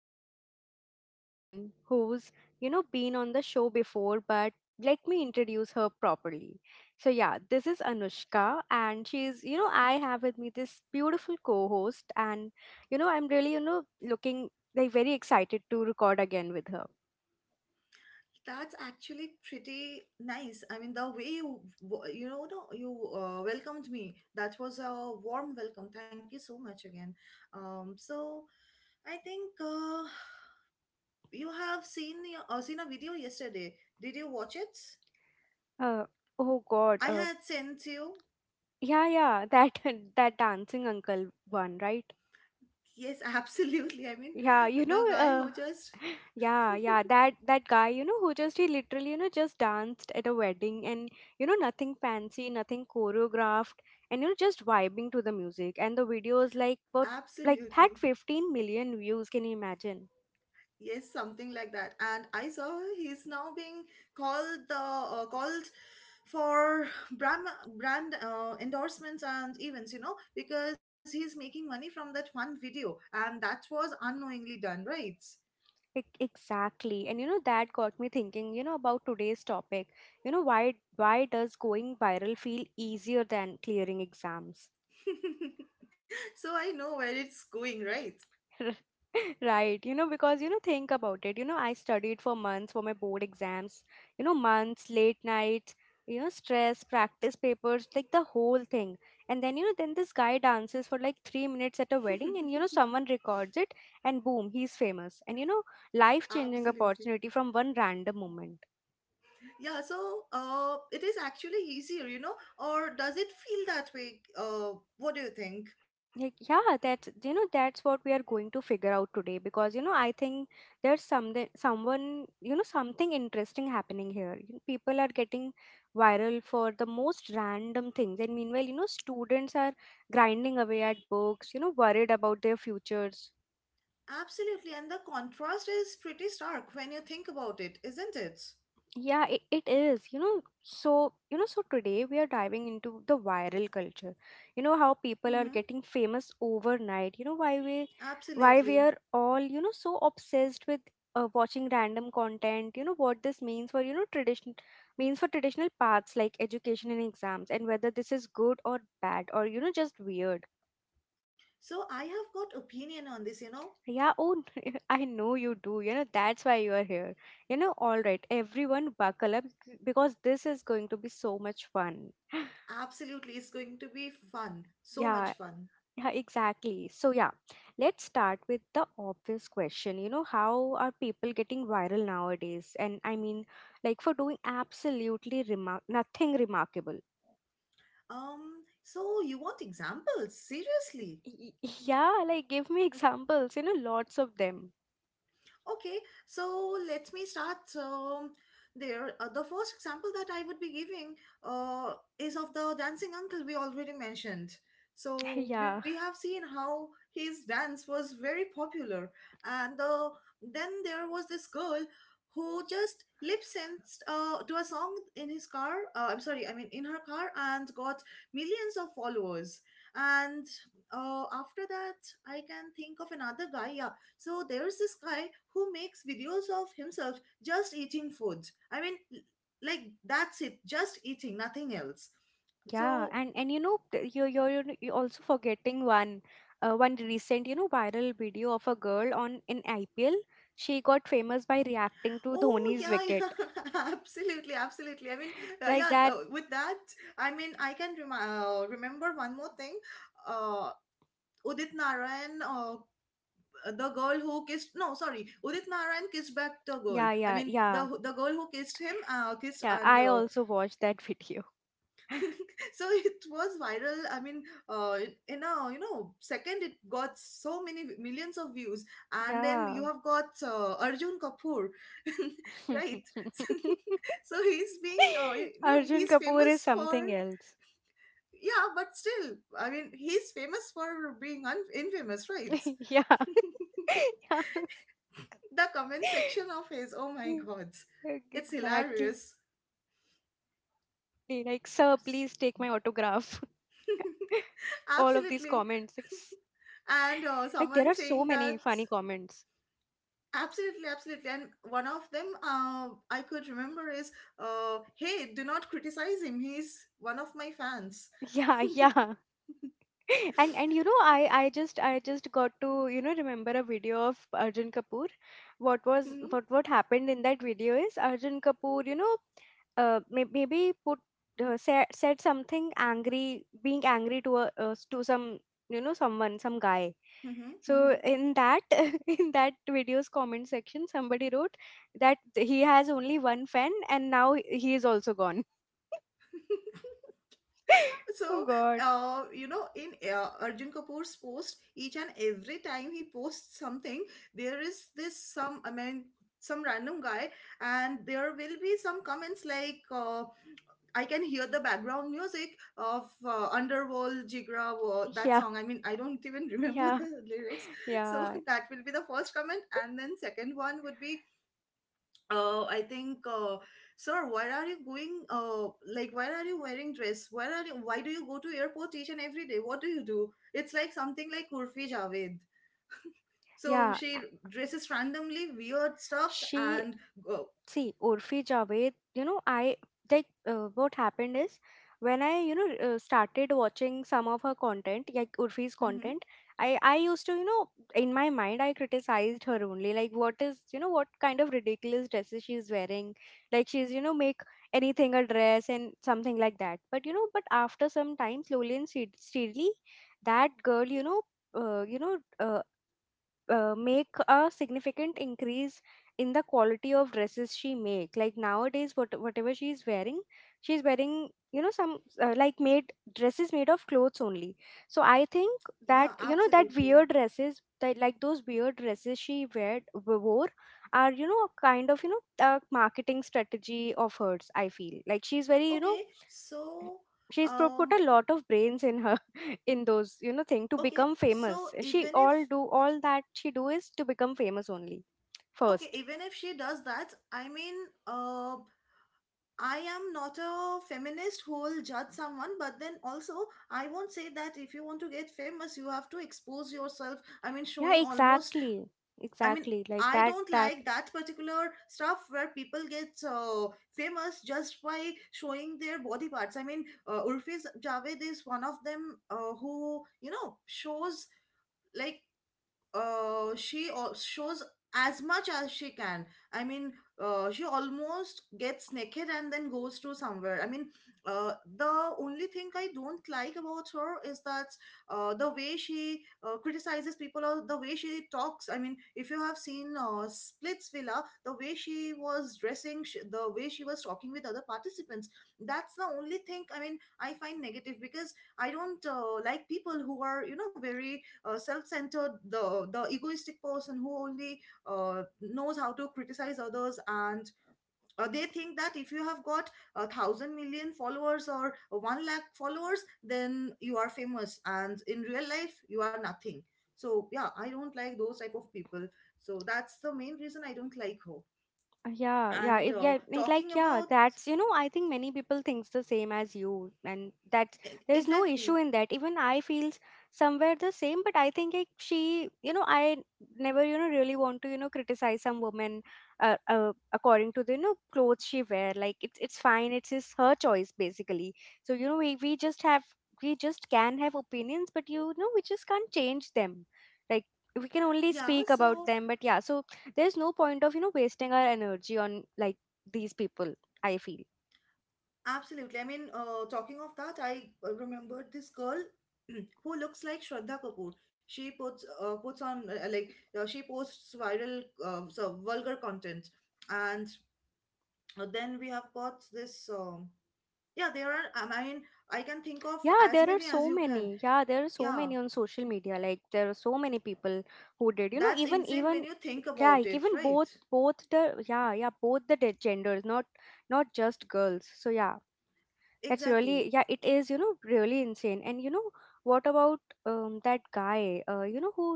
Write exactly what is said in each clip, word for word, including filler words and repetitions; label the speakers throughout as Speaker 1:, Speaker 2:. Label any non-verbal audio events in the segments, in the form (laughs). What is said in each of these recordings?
Speaker 1: I have with me someone who's, you know, been on the show before but let me introduce her properly. So yeah, this is Anushka and she's, you know, I have with me this beautiful co-host and you know, I'm really, you know, looking like very excited to record again with her.
Speaker 2: That's actually pretty nice. I mean, the way you w- you know no, you uh, welcomed me. That was a warm welcome. Thank you so much again. Um, so I think uh, you have seen your- uh, seen a video yesterday. Did you watch it?
Speaker 1: Uh oh god,
Speaker 2: I
Speaker 1: uh
Speaker 2: had sent you.
Speaker 1: yeah, yeah, that (laughs) that dancing uncle one, right?
Speaker 2: Yes, (laughs) absolutely. I mean,
Speaker 1: Yeah, you
Speaker 2: the
Speaker 1: know,
Speaker 2: guy who
Speaker 1: uh, (sighs)
Speaker 2: just
Speaker 1: (laughs) yeah, yeah, that that guy, you know, who just he literally, you know, just danced at a wedding and you know, nothing fancy, nothing choreographed, and you know, just vibing to the music. And the videos like but like
Speaker 2: absolutely.
Speaker 1: had fifteen million views, can you imagine?
Speaker 2: Yes, something like that. And I saw he's now being called the uh, called for brand brand uh, endorsements and events, you know, because he's making money from that one video, and that was unknowingly done, right?
Speaker 1: E- Exactly. And you know, that got me thinking, you know, about today's topic. You know, why why does going viral feel easier than clearing exams?
Speaker 2: (laughs) So I know where it's going, right?
Speaker 1: (laughs) Right, you know, because you know, think about it. You know, I studied for months for my board exams, you know, months, late nights, you know, stress, practice papers, like the whole thing. And then, you know, then this guy dances for like three minutes at a wedding, and you know,
Speaker 2: (laughs)
Speaker 1: someone records it, and boom, he's famous. And you know, life-changing
Speaker 2: Absolutely.
Speaker 1: opportunity from one random moment.
Speaker 2: Yeah, so uh, it is actually easier, you know, or does it feel that way? Uh, what do you think?
Speaker 1: Like, yeah, that's you know that's what we are going to figure out today because you know I think there's something someone you know something interesting happening here. You know, people are getting viral for the most random things, and meanwhile you know students are grinding away at books, you know worried about their futures.
Speaker 2: Absolutely, and the contrast is pretty stark when you think about it, isn't it?
Speaker 1: Yeah, it, it is. You know, so, you know, so today we are diving into the viral culture. You know how people are
Speaker 2: Mm-hmm.
Speaker 1: getting famous overnight. You know why we why we
Speaker 2: Absolutely.
Speaker 1: are all, you know, so obsessed with uh, watching random content. You know what this means for, you know, tradition means for traditional paths like education and exams and whether this is good or bad or, you know, just weird.
Speaker 2: So I have got opinion on this, you know.
Speaker 1: Yeah, oh, (laughs) I know you do. You know, that's why you are here. You know, all right, everyone buckle up because this is going to be so much fun. (gasps)
Speaker 2: Absolutely, it's going to be fun. So much
Speaker 1: Yeah,
Speaker 2: fun.
Speaker 1: yeah, exactly. So, yeah, let's start with the obvious question. You know, how are people getting viral nowadays? And I mean, like for doing absolutely remark nothing remarkable.
Speaker 2: Um, so you want examples? Seriously?
Speaker 1: Y- y- Yeah, like give me (laughs) examples, you know, lots of them.
Speaker 2: Okay, so let me start. Um, there, uh, the first example that I would be giving uh, is of the dancing uncle we already mentioned.
Speaker 1: (laughs)
Speaker 2: So we
Speaker 1: Yeah.
Speaker 2: have seen how his dance was very popular, and uh, then there was this girl who just lip synced uh, to a song in his car. Uh, I'm sorry, I mean in her car, and got millions of followers. And uh, after that, I can think of another guy. Yeah, so there's this guy who makes videos of himself just eating food. I mean, l- like that's it, just eating, nothing else.
Speaker 1: Yeah,
Speaker 2: So,
Speaker 1: and and you know c- you you're, you're n- you're also forgetting one uh, one recent you know viral video of a girl on in I P L. She got famous by reacting to
Speaker 2: oh
Speaker 1: Dhoni's
Speaker 2: yeah,
Speaker 1: wicket
Speaker 2: (laughs) yeah, absolutely, absolutely. I mean, uh,
Speaker 1: like
Speaker 2: yeah,
Speaker 1: that.
Speaker 2: uh, with that, I mean, I can remi- uh, remember one more thing. Uh, Udit Narayan, uh, the girl who kissed, no, sorry, Udit Narayan kissed back the girl.
Speaker 1: Yeah,
Speaker 2: I
Speaker 1: yeah,
Speaker 2: mean,
Speaker 1: yeah,
Speaker 2: the the girl who kissed him, uh, kissed,
Speaker 1: yeah.
Speaker 2: and
Speaker 1: I
Speaker 2: uh,
Speaker 1: also watched that video.
Speaker 2: so (laughs) it was viral. I mean, uh, in in a you know second, it got so many millions of views. And then
Speaker 1: Yeah,
Speaker 2: you have got uh, Arjun Kapoor. (laughs) Right. (laughs) So,
Speaker 1: (laughs)
Speaker 2: so he's being uh, you know
Speaker 1: Arjun
Speaker 2: he's
Speaker 1: Kapoor is
Speaker 2: famous for,
Speaker 1: something else.
Speaker 2: yeah, but still, I mean, he's famous for being un- infamous, right?
Speaker 1: (laughs) yeah,
Speaker 2: (laughs)
Speaker 1: (laughs) yeah.
Speaker 2: The comment section of his, oh my
Speaker 1: (laughs)
Speaker 2: god, it's
Speaker 1: Exactly.
Speaker 2: hilarious.
Speaker 1: Like, sir, please take my autograph. (laughs) All of these
Speaker 2: (laughs)
Speaker 1: comments. It's
Speaker 2: Absolutely.
Speaker 1: like
Speaker 2: And
Speaker 1: there are
Speaker 2: uh,
Speaker 1: so
Speaker 2: someone
Speaker 1: many
Speaker 2: saying
Speaker 1: funny
Speaker 2: that.
Speaker 1: comments.
Speaker 2: Absolutely, absolutely. And one of them uh, I could remember is, uh, hey, do not criticize him. He's one of my fans.
Speaker 1: Yeah,
Speaker 2: (laughs)
Speaker 1: yeah. (laughs) And and you know, I I just I just got to, you know, remember a video of Arjun Kapoor. What was
Speaker 2: hmm
Speaker 1: what what happened in that video is Arjun Kapoor, you know, uh, may- maybe put uh, said said something angry being angry to a uh, s- to some you know someone some guy.
Speaker 2: hmm
Speaker 1: So
Speaker 2: hmm
Speaker 1: in that (laughs) in that video's comment section, somebody wrote that he has only one fan and now he is also gone.
Speaker 2: (laughs)
Speaker 1: (laughs) Oh
Speaker 2: So,
Speaker 1: God.
Speaker 2: uh, you know, in uh, Arjun Kapoor's post, each and every time he posts something, there is this some, I mean, some random guy, and there will be some comments like, uh, I can hear the background music of uh, Underworld, Jigra, wo- that
Speaker 1: Yeah.
Speaker 2: song. I mean, I don't even (laughs) remember
Speaker 1: Yeah.
Speaker 2: the lyrics. So
Speaker 1: Yeah.
Speaker 2: (laughs) that will be the first comment. And then second one would be, uh, I think, uh, sir, why are you going, uh, like, why are you wearing dress? Why are you, why do you go to airport each and every day? What do you do? It's like something like Urfi Javed. So
Speaker 1: Yeah.
Speaker 2: she dresses randomly, weird stuffs,
Speaker 1: She
Speaker 2: and go.
Speaker 1: See Urfi Javed, you know, I like uh, what happened is when I you know uh, started watching some of her content, like Urfi's
Speaker 2: Hmm.
Speaker 1: content, I I used to you know in my mind I criticized her only like what is you know what kind of ridiculous dresses she's wearing, like she's you know make anything a dress and something like that. But you know, but after some time, slowly and stead- steadily, that girl you know. Uh, you know, uh, uh, make a significant increase in the quality of dresses she make, like nowadays what, whatever she is wearing, she's wearing you know some uh, like made dresses made of clothes only. So I think that
Speaker 2: Yeah,
Speaker 1: you know that
Speaker 2: absolutely.
Speaker 1: weird dresses that like those weird dresses she wear, wore are you know kind of you know a marketing strategy of hers. I feel like she's very you know
Speaker 2: Okay, so...
Speaker 1: she's pro- put
Speaker 2: Um,
Speaker 1: a lot of brains in her (laughs) in those you know thing to
Speaker 2: Okay,
Speaker 1: become
Speaker 2: so
Speaker 1: famous. She
Speaker 2: even if
Speaker 1: all do all that she do is to become famous only
Speaker 2: okay,
Speaker 1: first
Speaker 2: even if she does that, I mean, uh, I am not a feminist who will judge someone, but then also I won't say that if you want to get famous, you have to expose yourself. I mean,
Speaker 1: Yeah,
Speaker 2: showing almost.
Speaker 1: exactly,
Speaker 2: I mean.
Speaker 1: exactly, like
Speaker 2: I
Speaker 1: that
Speaker 2: don't
Speaker 1: that.
Speaker 2: like that particular stuff where people get uh, famous just by showing their body parts. I mean, uh, Urfi Javed is one of them uh, who, you know, shows like uh, she al- shows as much as she can. I mean, uh, she almost gets naked and then goes to somewhere. I mean, uh, the only thing I don't like about her is that uh, the way she uh, criticizes people or the way she talks. I mean, if you have seen uh, Splitsvilla, the way she was dressing, sh- the way she was talking with other participants, that's the only thing, I mean, I find negative, because I don't uh, like people who are, you know very uh, self-centered, the the egoistic person who only uh, knows how to criticize others, and uh, they think that if you have got a thousand million followers or one lakh followers, then you are famous, and in real life you are nothing. So yeah, I don't like those type of people. So that's the main reason I don't like her.
Speaker 1: Uh, Yeah, yeah,
Speaker 2: And
Speaker 1: it, yeah,
Speaker 2: uh,
Speaker 1: it, like
Speaker 2: talking
Speaker 1: yeah,
Speaker 2: about,
Speaker 1: that's you know, I think many people thinks the same as you, and that's
Speaker 2: e-
Speaker 1: there's no
Speaker 2: exactly.
Speaker 1: issue in that. Even I feels somewhere the same, but I think like she, you know, I never you know really want to you know criticize some woman, uh, uh according to the you know clothes she wear. Like it's it's fine, it's his her choice basically. So you know we we just have we just can have opinions, but you know we just can't change them. Like we can only
Speaker 2: Yeah.
Speaker 1: speak about
Speaker 2: So
Speaker 1: them, but yeah, so there's no point of you know wasting our energy on like these people I feel
Speaker 2: absolutely. I mean, uh, talking of that, I uh, remembered this girl (clears throat) who looks like Shraddha Kapoor. She puts uh, puts on, uh, like uh, she posts viral, uh, so vulgar content. And uh, then we have got this. Um, yeah, there are. um, I mean, I can think of
Speaker 1: Yeah,
Speaker 2: as
Speaker 1: there are
Speaker 2: many as
Speaker 1: so
Speaker 2: you can.
Speaker 1: many, yeah, there are so
Speaker 2: Yeah,
Speaker 1: many on social media, like there are so many people who did you
Speaker 2: that's
Speaker 1: know even
Speaker 2: insane when you
Speaker 1: even
Speaker 2: think about
Speaker 1: like,
Speaker 2: it,
Speaker 1: even
Speaker 2: right?
Speaker 1: both both the, yeah, yeah, both the de- genders, not not just girls, so yeah. That's really,
Speaker 2: Exactly.
Speaker 1: yeah, it is, you know, really insane. And you know, what about um that guy, uh, you know, who,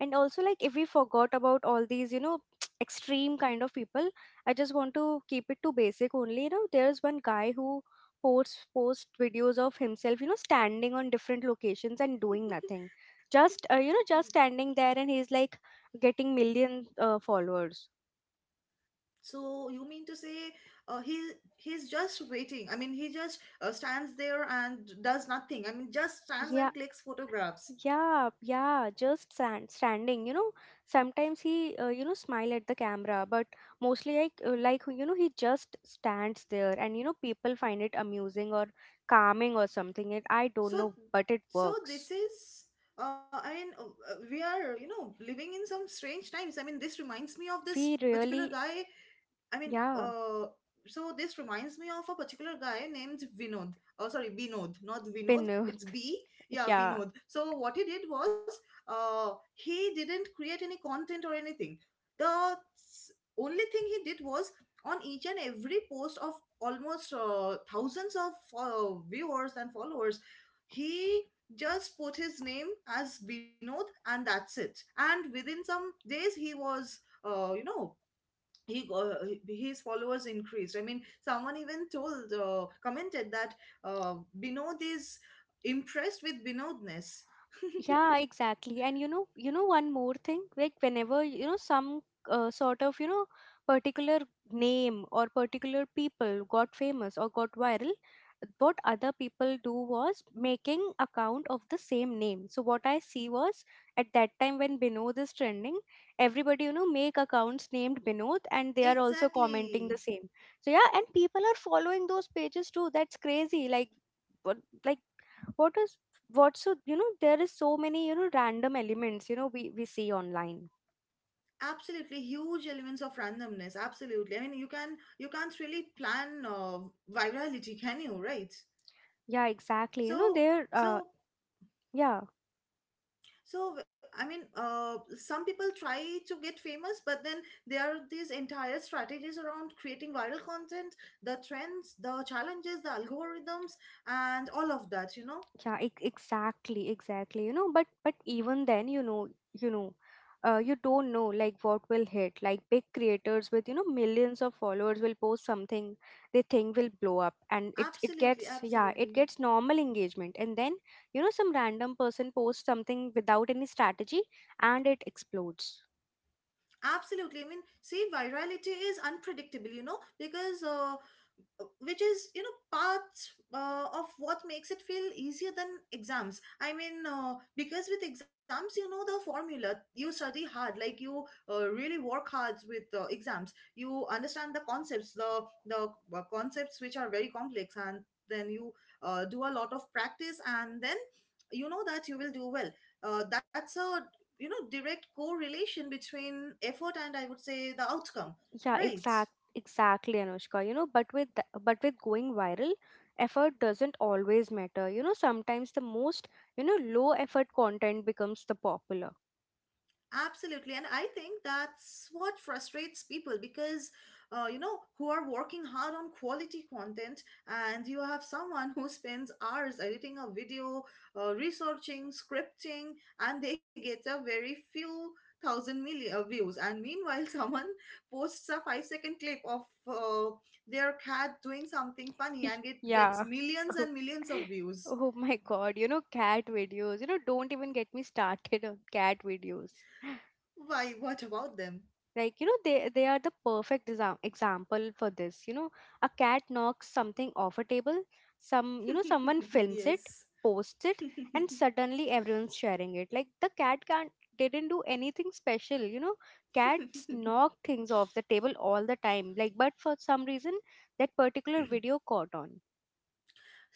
Speaker 1: and also like if we forgot about all these, you know, (tsk) extreme kind of people, I just want to keep it to basic only. You know, there's one guy who posts post videos of himself, you know, standing on different locations and doing nothing, just uh, you know, just standing there, and he's like getting million uh, followers.
Speaker 2: So you mean to say uh, he he's just waiting. I mean, he just uh, stands there and does nothing. I mean, just stands
Speaker 1: Yeah,
Speaker 2: and clicks photographs.
Speaker 1: yeah, yeah, just stand, standing. You know, sometimes he, uh, you know, smile at the camera, but mostly like, uh, like you know, he just stands there, and you know, people find it amusing or calming or something. It, I don't
Speaker 2: So
Speaker 1: know, but it
Speaker 2: so
Speaker 1: works.
Speaker 2: this is uh, I mean uh, uh, we are, you know living in some strange times. I mean, this reminds me of this
Speaker 1: We
Speaker 2: particular
Speaker 1: really,
Speaker 2: guy. I mean,
Speaker 1: yeah,
Speaker 2: uh, so this reminds me of a particular guy named Vinod. Oh, sorry, Binod, not Vinod.
Speaker 1: been, uh,
Speaker 2: It's B.
Speaker 1: (laughs)
Speaker 2: Yeah,
Speaker 1: yeah.
Speaker 2: Binod. So what he did was, uh, he didn't create any content or anything. The s- only thing he did was on each and every post of almost uh, thousands of uh, viewers and followers, he just put his name as Binod, and that's it. And within some days, he was, uh, you know, he go- his followers increased. I mean, someone even told uh, commented that uh, Binod is impressed with Binodness.
Speaker 1: Yeah,
Speaker 2: (laughs)
Speaker 1: exactly. And you know, you know one more thing, like whenever you know some uh, sort of you know particular name or particular people got famous or got viral, what other people do was making account of the same name. So what I see was at that time when Binod is trending, everybody you know make accounts named Binod and they are also commenting
Speaker 2: Exactly,
Speaker 1: the same. So yeah, and people are following those pages too. That's crazy. Like what like what is what? So you know there is so many you know random elements you know we we see online.
Speaker 2: absolutely, huge elements of randomness, absolutely. I mean, you can you can't really plan uh, virality, can you, right?
Speaker 1: Yeah, exactly, you know
Speaker 2: so
Speaker 1: there uh
Speaker 2: so
Speaker 1: yeah
Speaker 2: So, I mean, uh, some people try to get famous, but then there are these entire strategies around creating viral content, the trends, the challenges, the algorithms, and all of that, you know?
Speaker 1: yeah, e- exactly, exactly, you know, but but even then, you know you know uh, you don't know like what will hit, like big creators with you know millions of followers will post something they think will blow up and it it gets,
Speaker 2: Absolutely,
Speaker 1: yeah, it
Speaker 2: absolutely.
Speaker 1: gets normal engagement, and then you know some random person posts something without any strategy and it explodes.
Speaker 2: Absolutely. I mean, see, virality is unpredictable, you know, because uh, which is, you know part uh, of what makes it feel easier than exams. I mean, uh, because with exams, you know the formula, you study hard, like you uh, really work hard with uh, exams. You understand the concepts, the the uh, concepts which are very complex, and then you uh, do a lot of practice, and then you know that you will do well. Uh, that's a, you know direct correlation between effort and, I would say, the outcome,
Speaker 1: Yeah,
Speaker 2: right?
Speaker 1: exact, exactly, Anushka. You know, but with th- but with going viral, effort doesn't always matter. You know, sometimes the most you know low effort content becomes the popular.
Speaker 2: Absolutely. And I think that's what frustrates people, because, uh, you know, who are working hard on quality content, and you have someone who spends hours editing a video, uh, researching, scripting, and they get a very few thousand million uh, views. And meanwhile, (laughs) someone posts a five second clip of uh, their cat doing something funny, and
Speaker 1: (laughs)
Speaker 2: it gets
Speaker 1: yeah.
Speaker 2: millions
Speaker 1: (laughs)
Speaker 2: and millions of views.
Speaker 1: Oh my God, you know, cat videos. You know, don't even get me started on cat videos.
Speaker 2: Why, what about them?
Speaker 1: Like you know they they are the perfect desi- example for this, you know, a cat knocks something off a table, some you know someone
Speaker 2: (laughs)
Speaker 1: films it,
Speaker 2: Yes.
Speaker 1: posts it, and
Speaker 2: (laughs)
Speaker 1: suddenly everyone's sharing it. Like the cat can't didn't do anything special, you know. Cats
Speaker 2: (laughs)
Speaker 1: knock things off the table all the time, like, but for some reason that particular video caught on.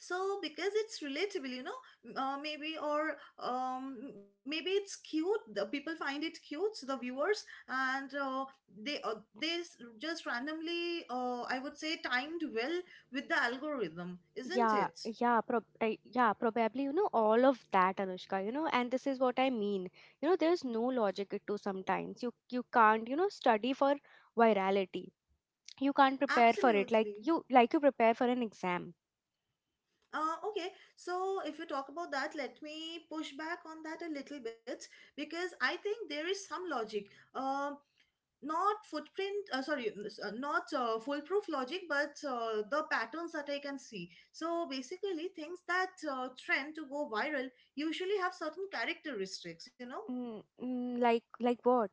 Speaker 2: So because it's relatable, you know m- uh, maybe, or um, maybe it's cute, the people find it cute, so the viewers, and uh, they uh, they s- just randomly, uh, I would say, timed well with the algorithm, isn't
Speaker 1: Yeah,
Speaker 2: it?
Speaker 1: yeah, prob uh, yeah, probably, you know, all of that, Anushka, you know, and this is what I mean. You know, there's no logic to sometimes. You you can't, you know, study for virality. You can't prepare for it like
Speaker 2: Absolutely.
Speaker 1: you like you prepare for an exam.
Speaker 2: Uh, okay, so if you talk about that, let me push back on that a little bit, because I think there is some logic, um, not footprint, uh, sorry n- s- uh, not uh, foolproof logic, but uh, the patterns that I can see, so basically things that uh, trend to go viral usually have certain characteristics you know
Speaker 1: Mm, mm, like like what?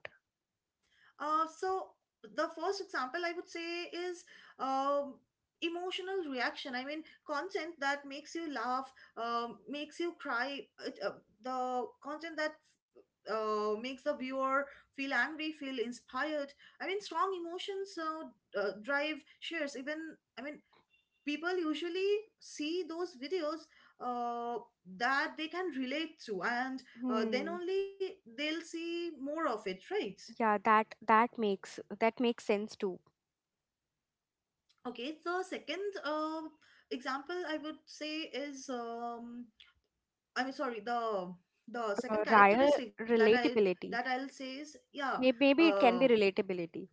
Speaker 2: Uh, so the first example I would say is, um, emotional reaction. I mean, content that makes you laugh, um, makes you cry. It, uh, the content that uh, makes the viewer feel angry, feel inspired. I mean, strong emotions uh, uh, drive shares. Even, I mean, people usually see those videos uh, that they can relate to, and uh, then
Speaker 1: Hmm.
Speaker 2: only they'll see more of it, right?
Speaker 1: Yeah, that that makes that makes sense too.
Speaker 2: Okay, the second uh, example I would say is, um, I mean, sorry, the the
Speaker 1: Uh,
Speaker 2: second
Speaker 1: Raya
Speaker 2: characteristic that I that
Speaker 1: relatability.
Speaker 2: I'll say is, yeah,
Speaker 1: Maybe, maybe it can
Speaker 2: um,
Speaker 1: be relatability.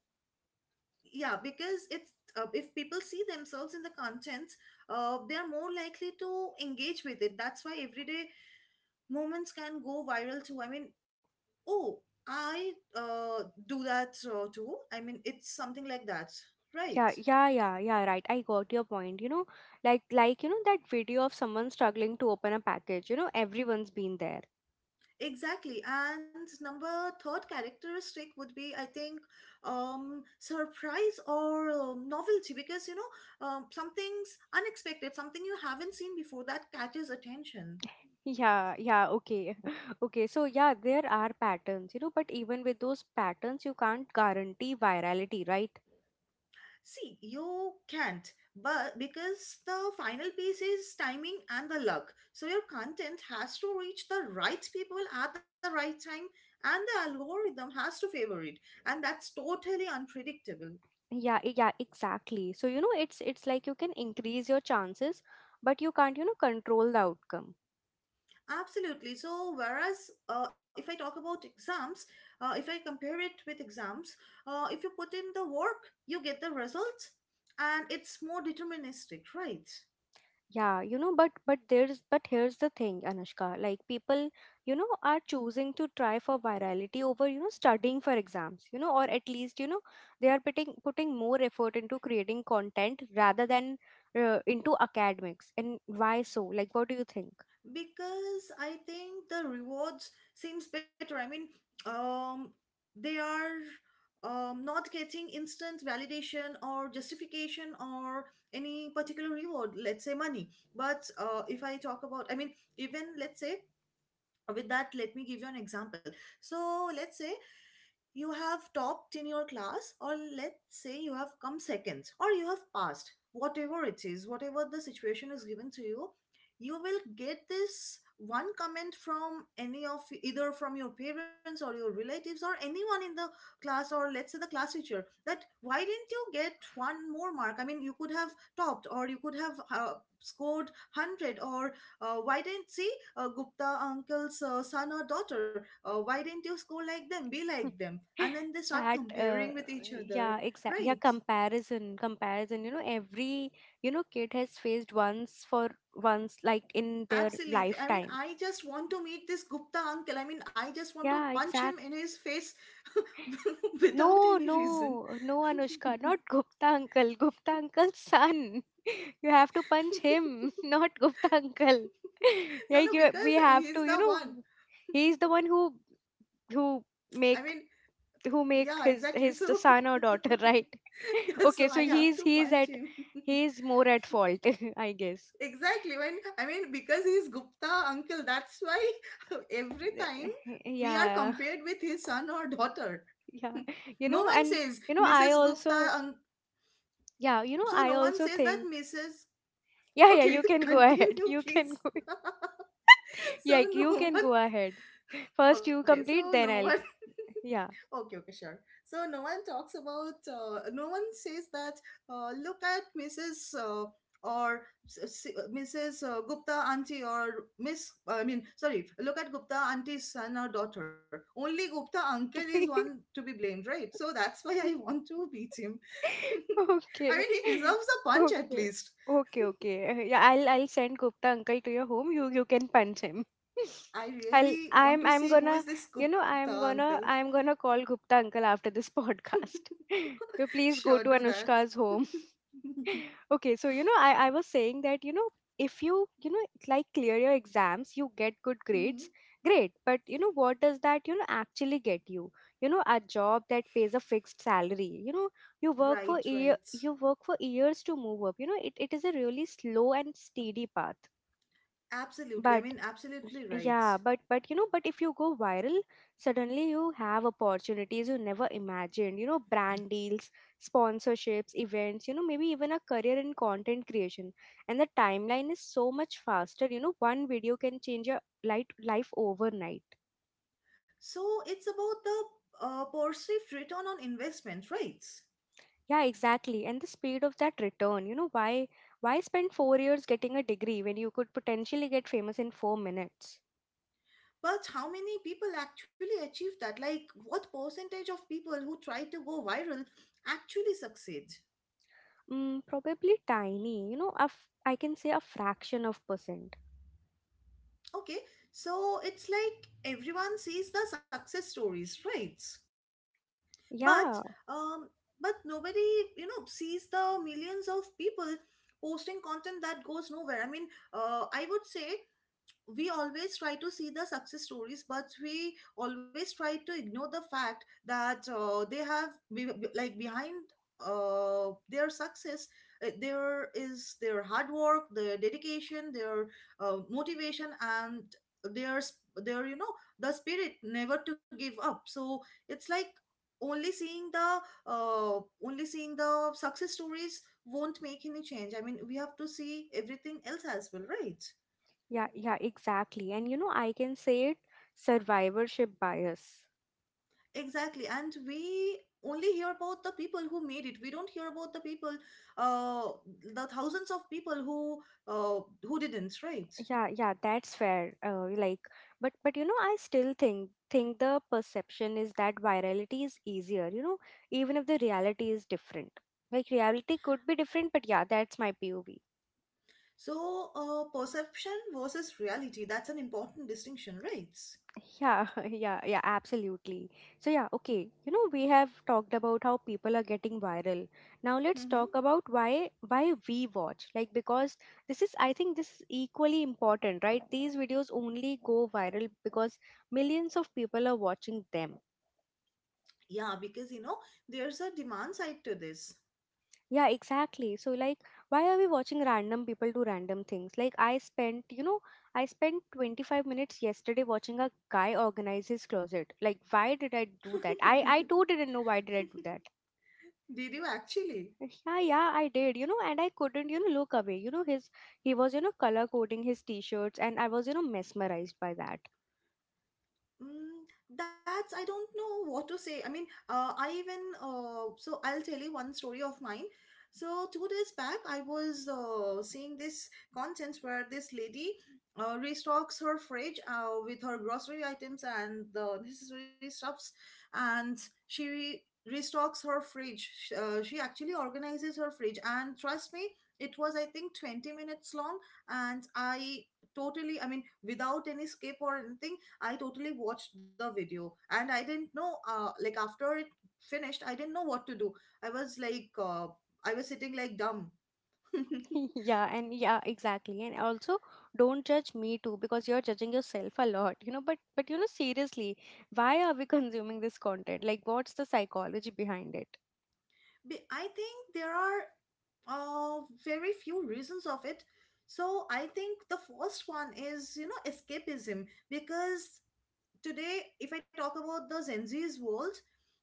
Speaker 2: yeah, because it's, uh, if people see themselves in the content, uh, they are more likely to engage with it. That's why everyday moments can go viral too. I mean, oh, I uh, do that uh, too. I mean it's something like that,
Speaker 1: Yeah,
Speaker 2: right?
Speaker 1: yeah, yeah, yeah, right. I got your point. You know, like like you know that video of someone struggling to open a package. You know, everyone's been there.
Speaker 2: Exactly. And number third characteristic would be, I think, um, surprise or um, novelty, because, you know, um, something's unexpected, something you haven't seen before that catches attention.
Speaker 1: Yeah, yeah, okay. (laughs) Okay, so yeah, there are patterns, you know, but even with those patterns, you can't guarantee virality, right?
Speaker 2: See, you can't, but because the final piece is timing and the luck. So your content has to reach the right people at the right time, and the algorithm has to favor it. And that's totally unpredictable.
Speaker 1: Yeah, e- yeah, exactly. So, you know, it's it's like you can increase your chances, but you can't, you know, control the outcome.
Speaker 2: Absolutely. So, whereas uh, if I talk about exams, uh, if I compare it with exams, uh, if you put in the work, you get the results, and it's more deterministic, right?
Speaker 1: Yeah, you know, but but there's but here's the thing, Anushka. Like people, you know, are choosing to try for virality over, you know, studying for exams, you know, or at least, you know, they are putting putting more effort into creating content rather than uh, into academics. And why so? Like, what do you think?
Speaker 2: Because I think the rewards seems better. I mean, um, they are, um, not getting instant validation or justification or any particular reward, let's say money. But uh, if I talk about, I mean, even let's say, Uh, with that, let me give you an example. So let's say you have topped in your class, or let's say you have come seconds, or you have passed, whatever it is, whatever the situation is given to you, you will get this one comment from any of, either from your parents or your relatives or anyone in the class, or let's say the class teacher, that why didn't you get one more mark? I mean, you could have topped, or you could have uh, scored one hundred, or uh, why didn't see uh, Gupta uncle's uh, son or daughter. Uh, why didn't you score like them? Be
Speaker 1: (laughs)
Speaker 2: like them. And then they start
Speaker 1: that uh,
Speaker 2: comparing with each other.
Speaker 1: yeah exact yeah
Speaker 2: Right.
Speaker 1: comparison comparison you know every you know kid has faced once for once like in their
Speaker 2: Absolutely. I mean,
Speaker 1: lifetime.
Speaker 2: I just want to meet this Gupta uncle. I mean, I just want to
Speaker 1: Yeah,
Speaker 2: punch him
Speaker 1: exactly.
Speaker 2: in his face (laughs) without
Speaker 1: No,
Speaker 2: any reason.
Speaker 1: no, no,
Speaker 2: (laughs)
Speaker 1: Anushka, not Gupta uncle, Gupta uncle's son. (laughs) You have to punch him, (laughs) not Gupta uncle. (laughs)
Speaker 2: No,
Speaker 1: Like
Speaker 2: no,
Speaker 1: you, we
Speaker 2: because
Speaker 1: have
Speaker 2: he's
Speaker 1: to, you
Speaker 2: the
Speaker 1: know,
Speaker 2: one.
Speaker 1: he's the one who who
Speaker 2: I mean,
Speaker 1: make who make
Speaker 2: yeah,
Speaker 1: his
Speaker 2: exactly.
Speaker 1: his the
Speaker 2: So,
Speaker 1: son or
Speaker 2: (laughs)
Speaker 1: daughter, (laughs) right? (laughs)
Speaker 2: yeah,
Speaker 1: Okay,
Speaker 2: so
Speaker 1: so
Speaker 2: I have
Speaker 1: he's
Speaker 2: to
Speaker 1: he's
Speaker 2: punch
Speaker 1: at
Speaker 2: him. (laughs)
Speaker 1: he's more at fault, (laughs) I guess.
Speaker 2: Exactly. When I mean, because he's Gupta uncle, that's why (laughs) every time
Speaker 1: (laughs)
Speaker 2: we are
Speaker 1: Yeah,
Speaker 2: compared with his son or daughter.
Speaker 1: yeah.
Speaker 2: (laughs)
Speaker 1: You
Speaker 2: No
Speaker 1: know,
Speaker 2: one
Speaker 1: and
Speaker 2: says
Speaker 1: you know, I
Speaker 2: missus Gupta.
Speaker 1: also,
Speaker 2: Un-
Speaker 1: yeah, you know,
Speaker 2: so
Speaker 1: I
Speaker 2: no one
Speaker 1: also
Speaker 2: says that
Speaker 1: think,
Speaker 2: missus
Speaker 1: yeah, yeah,
Speaker 2: Okay,
Speaker 1: you
Speaker 2: (laughs)
Speaker 1: can go ahead. (laughs)
Speaker 2: continue,
Speaker 1: You can,
Speaker 2: please. (laughs) So
Speaker 1: yeah, you
Speaker 2: no
Speaker 1: can
Speaker 2: one.
Speaker 1: go ahead. First you
Speaker 2: Okay, so
Speaker 1: complete,
Speaker 2: no
Speaker 1: then
Speaker 2: one.
Speaker 1: I'll. Yeah.
Speaker 2: (laughs) Okay, okay, sure. So no one talks about, uh, no one says that, uh, look at missus Uh, or s- s- uh, missus Uh, Gupta auntie, or Miss, uh, I mean, sorry, look at Gupta auntie's son or daughter. Only Gupta uncle is one
Speaker 1: (laughs)
Speaker 2: to be blamed, right? So that's why I want to beat him. (laughs) I
Speaker 1: Okay.
Speaker 2: mean, he deserves
Speaker 1: (laughs)
Speaker 2: a punch at
Speaker 1: Okay.
Speaker 2: least.
Speaker 1: Okay, okay. Uh, Yeah, I'll I'll send Gupta uncle to your home. You you can punch him. (laughs)
Speaker 2: I
Speaker 1: I'll
Speaker 2: really want
Speaker 1: I'm
Speaker 2: to
Speaker 1: I'm
Speaker 2: see who
Speaker 1: gonna,
Speaker 2: is this
Speaker 1: you know,
Speaker 2: Gupta
Speaker 1: I'm
Speaker 2: uncle.
Speaker 1: gonna I'm gonna call Gupta uncle after this (laughs)
Speaker 2: (laughs)
Speaker 1: podcast. (laughs) You please go
Speaker 2: Sure,
Speaker 1: to
Speaker 2: do that.
Speaker 1: Anushka's home.
Speaker 2: (laughs)
Speaker 1: Okay, so you know i i was saying that, you know, if you, you know, like clear your exams, you get good grades,
Speaker 2: Mhm.
Speaker 1: great. But you know what does that, you know, actually get you, you know? A job that pays a fixed salary, you know, you work for
Speaker 2: Right,
Speaker 1: year
Speaker 2: right.
Speaker 1: you work for years to move up. You know, it, it is a really slow and steady path.
Speaker 2: Absolutely. I
Speaker 1: But
Speaker 2: mean,
Speaker 1: Y-
Speaker 2: absolutely right.
Speaker 1: yeah but but you know, but if you go viral, suddenly you have opportunities you never imagined, you know, brand deals, sponsorships, events, you know, maybe even a career in content creation. And the timeline is so much faster. You know, one video can change your light life overnight.
Speaker 2: So it's about the uh, perceived return on investment, right?
Speaker 1: Yeah, exactly. And the speed of that return, you know, why why spend four years getting a degree when you could potentially get famous in four minutes?
Speaker 2: But how many people actually achieve that? Like, what percentage of people who try to go viral actually succeed?
Speaker 1: Mm, probably tiny, you know, a f- I can say a fraction of percent.
Speaker 2: Okay, so it's like everyone sees the success stories, right? But
Speaker 1: Yeah.
Speaker 2: um, but nobody, you know, sees the millions of people posting content that goes nowhere. I mean, uh, I would say we always try to see the success stories, but we always try to ignore the fact that uh, they have, be- be- like, behind uh, their success, uh, there is their hard work, their dedication, their uh, motivation, and their s- their, you know, the spirit never to give up. So it's like only seeing the uh, only seeing the success stories won't make any change. I mean, we have to see everything else as well, right?
Speaker 1: Yeah, yeah, exactly. And you know, I can say it survivorship bias.
Speaker 2: Exactly. And we only hear about the people who made it. We don't hear about the people, uh, the thousands of people who uh, who didn't, right?
Speaker 1: Yeah, yeah, that's fair. Uh, like, but but you know, I still think think the perception is that virality is easier, you know, even if the reality is different. Like reality could be different, but yeah, that's my P O V.
Speaker 2: So, uh, perception versus reality, that's an important distinction, right?
Speaker 1: Yeah, (laughs) yeah, yeah, absolutely. So, yeah, okay. You know, we have talked about how people are getting viral. Now let's
Speaker 2: Mm-hmm.
Speaker 1: talk about why why we watch. Like because this is I think this is equally important, right? These videos only go viral because millions of people are watching them.
Speaker 2: Yeah, because, you know, there's a demand side to this. (laughs)
Speaker 1: Yeah, exactly. So, like, why are we watching random people do random things? Like, I spent, you know, I spent twenty-five minutes yesterday watching a guy organize his closet. Like, why did I do that? I, I too didn't know why did I do that.
Speaker 2: Did you actually?
Speaker 1: Yeah, yeah, I did, you know, and I couldn't, you know, look away. You know, his, he was, you know, color coding his t-shirts and I was, you know, mesmerized by that.
Speaker 2: Mm, that's, I don't know what to say. I mean, uh, I even, uh, so I'll tell you one story of mine. So two days back, I was uh, seeing this content where this lady uh, restocks her fridge uh, with her grocery items and the necessary stuffs, and she re- restocks her fridge. Sh- Uh, she actually organizes her fridge, and trust me, it was I think twenty minutes long, and I totally, I mean, without any skip or anything. I totally watched the video, and I didn't know, uh like, after it finished I didn't know what to do. I was like, uh, I was sitting like dumb. (laughs)
Speaker 1: (laughs) Yeah, and yeah, exactly. And also don't judge me too because you're judging yourself a lot, you know. But but you know seriously, why are we (laughs) consuming this content? Like what's the psychology behind it?
Speaker 2: Be- I think there are uh very few reasons of it. So I think the first one is, you know, escapism, because today if I talk about the Gen Z's world,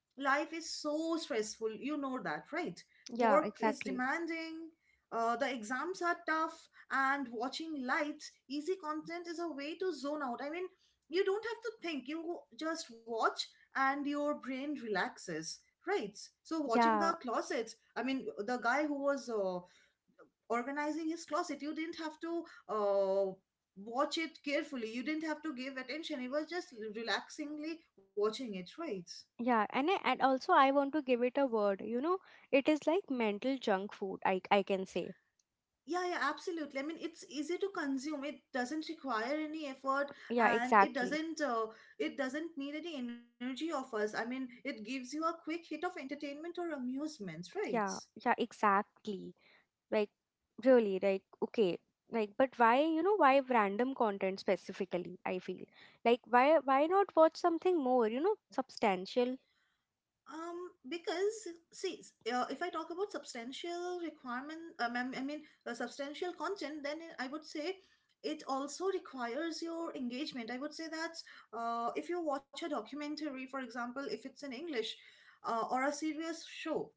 Speaker 2: life is so stressful, you know that, right?
Speaker 1: Yeah,
Speaker 2: Work is
Speaker 1: exactly.
Speaker 2: demanding, uh, the exams are tough, and watching light, easy content is a way to zone out. I mean, you don't have to think, you just watch, and your brain relaxes, right? So watching the
Speaker 1: Yeah,
Speaker 2: closets, I mean the guy who was uh, organizing his closet, you didn't have to uh, watch it carefully, you didn't have to give attention, it was just relaxingly watching it, right?
Speaker 1: yeah, and I- and also I want to give it a word, you know. It is like mental junk food, i i can say.
Speaker 2: Yeah, yeah, absolutely. I mean, it's easy to consume. It doesn't require any effort,
Speaker 1: Yeah,
Speaker 2: and it
Speaker 1: exactly.
Speaker 2: doesn't, uh, it doesn't need any energy of us. I mean, it gives you a quick hit of entertainment or amusement, right?
Speaker 1: Yeah, yeah, exactly. Like, really, like, okay. Like, but why, you know, why random content specifically? I feel like why, why not watch something more, you know, substantial?
Speaker 2: Um, because, see, s- uh, if I talk about substantial requirement, um, I m- I mean, uh, substantial content, then I would say it also requires your engagement. I would say that uh, if you watch a documentary, for example, if it's in English, uh, or a serious show,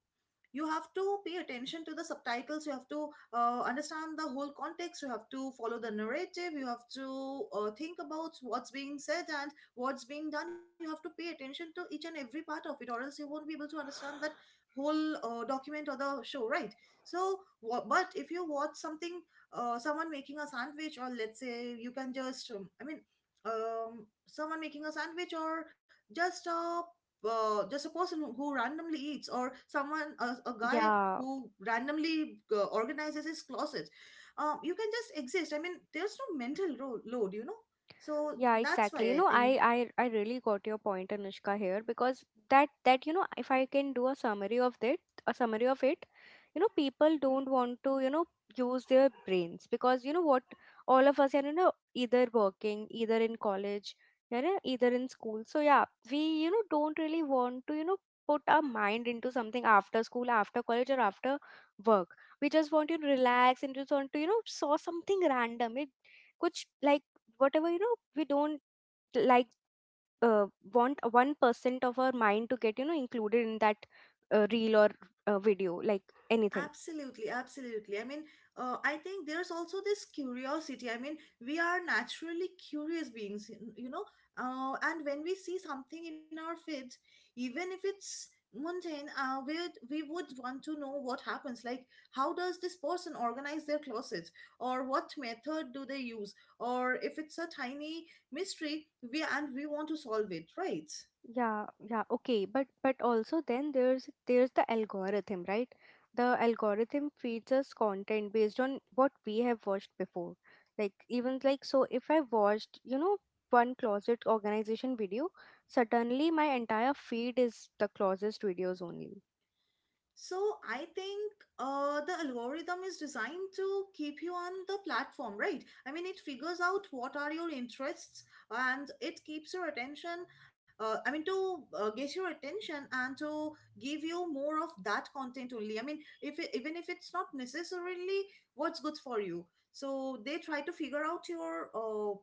Speaker 2: you have to pay attention to the subtitles, you have to uh, understand the whole context, you have to follow the narrative, you have to uh, think about what's being said and what's being done, you have to pay attention to each and every part of it, or else you won't be able to understand that whole uh, document or the show, right? So wha but if you watch something, uh, someone making a sandwich, or let's say you can just, um, I mean, um, someone making a sandwich, or just a, uh, just a person who who randomly eats, or someone, a, a guy
Speaker 1: Yeah,
Speaker 2: who randomly uh, organizes his closets, um, you can just exist. I mean, there's no mental ro- load, you know, so
Speaker 1: yeah,
Speaker 2: that's why
Speaker 1: exactly. You
Speaker 2: I
Speaker 1: know, I,
Speaker 2: think.
Speaker 1: I I really got your point, Anushka, here because that that you know, if I can do a summary of that, a summary of it, you know, people don't want to, you know, use their brains because you know what, all of us are, you know, either working, either in college, you know, either in school. So yeah, we, you know, don't really want to, you know, put our mind into something after school, after college, or after work. We just want to relax and just want to, you know, saw something random. It कुछ like whatever, you know, we don't like, uh, want one percent of our mind to get, you know, included in that uh, reel or uh, video, like anything.
Speaker 2: Absolutely, absolutely. I mean, uh, I think there's also this curiosity. I mean, we are naturally curious beings, y- you know. Uh, and when we see something in our feeds, even if it's mundane, uh, we we would want to know what happens. Like, how does this person organize their closets, or what method do they use, or if it's a tiny mystery, we and we want to solve it, right?
Speaker 1: Yeah, yeah, okay. But but also then there's there's the algorithm, right? The algorithm feeds us content based on what we have watched before. Like even like, so if I watched, you know, one closet organization video, suddenly my entire feed is the closest videos only.
Speaker 2: So I think uh, the algorithm is designed to keep you on the platform, right? I mean, it figures out what are your interests and it keeps your attention. Uh, I mean, to uh, get your attention and to give you more of that content only. I mean, if it, even if it's not necessarily what's good for you, so they try to figure out your uh,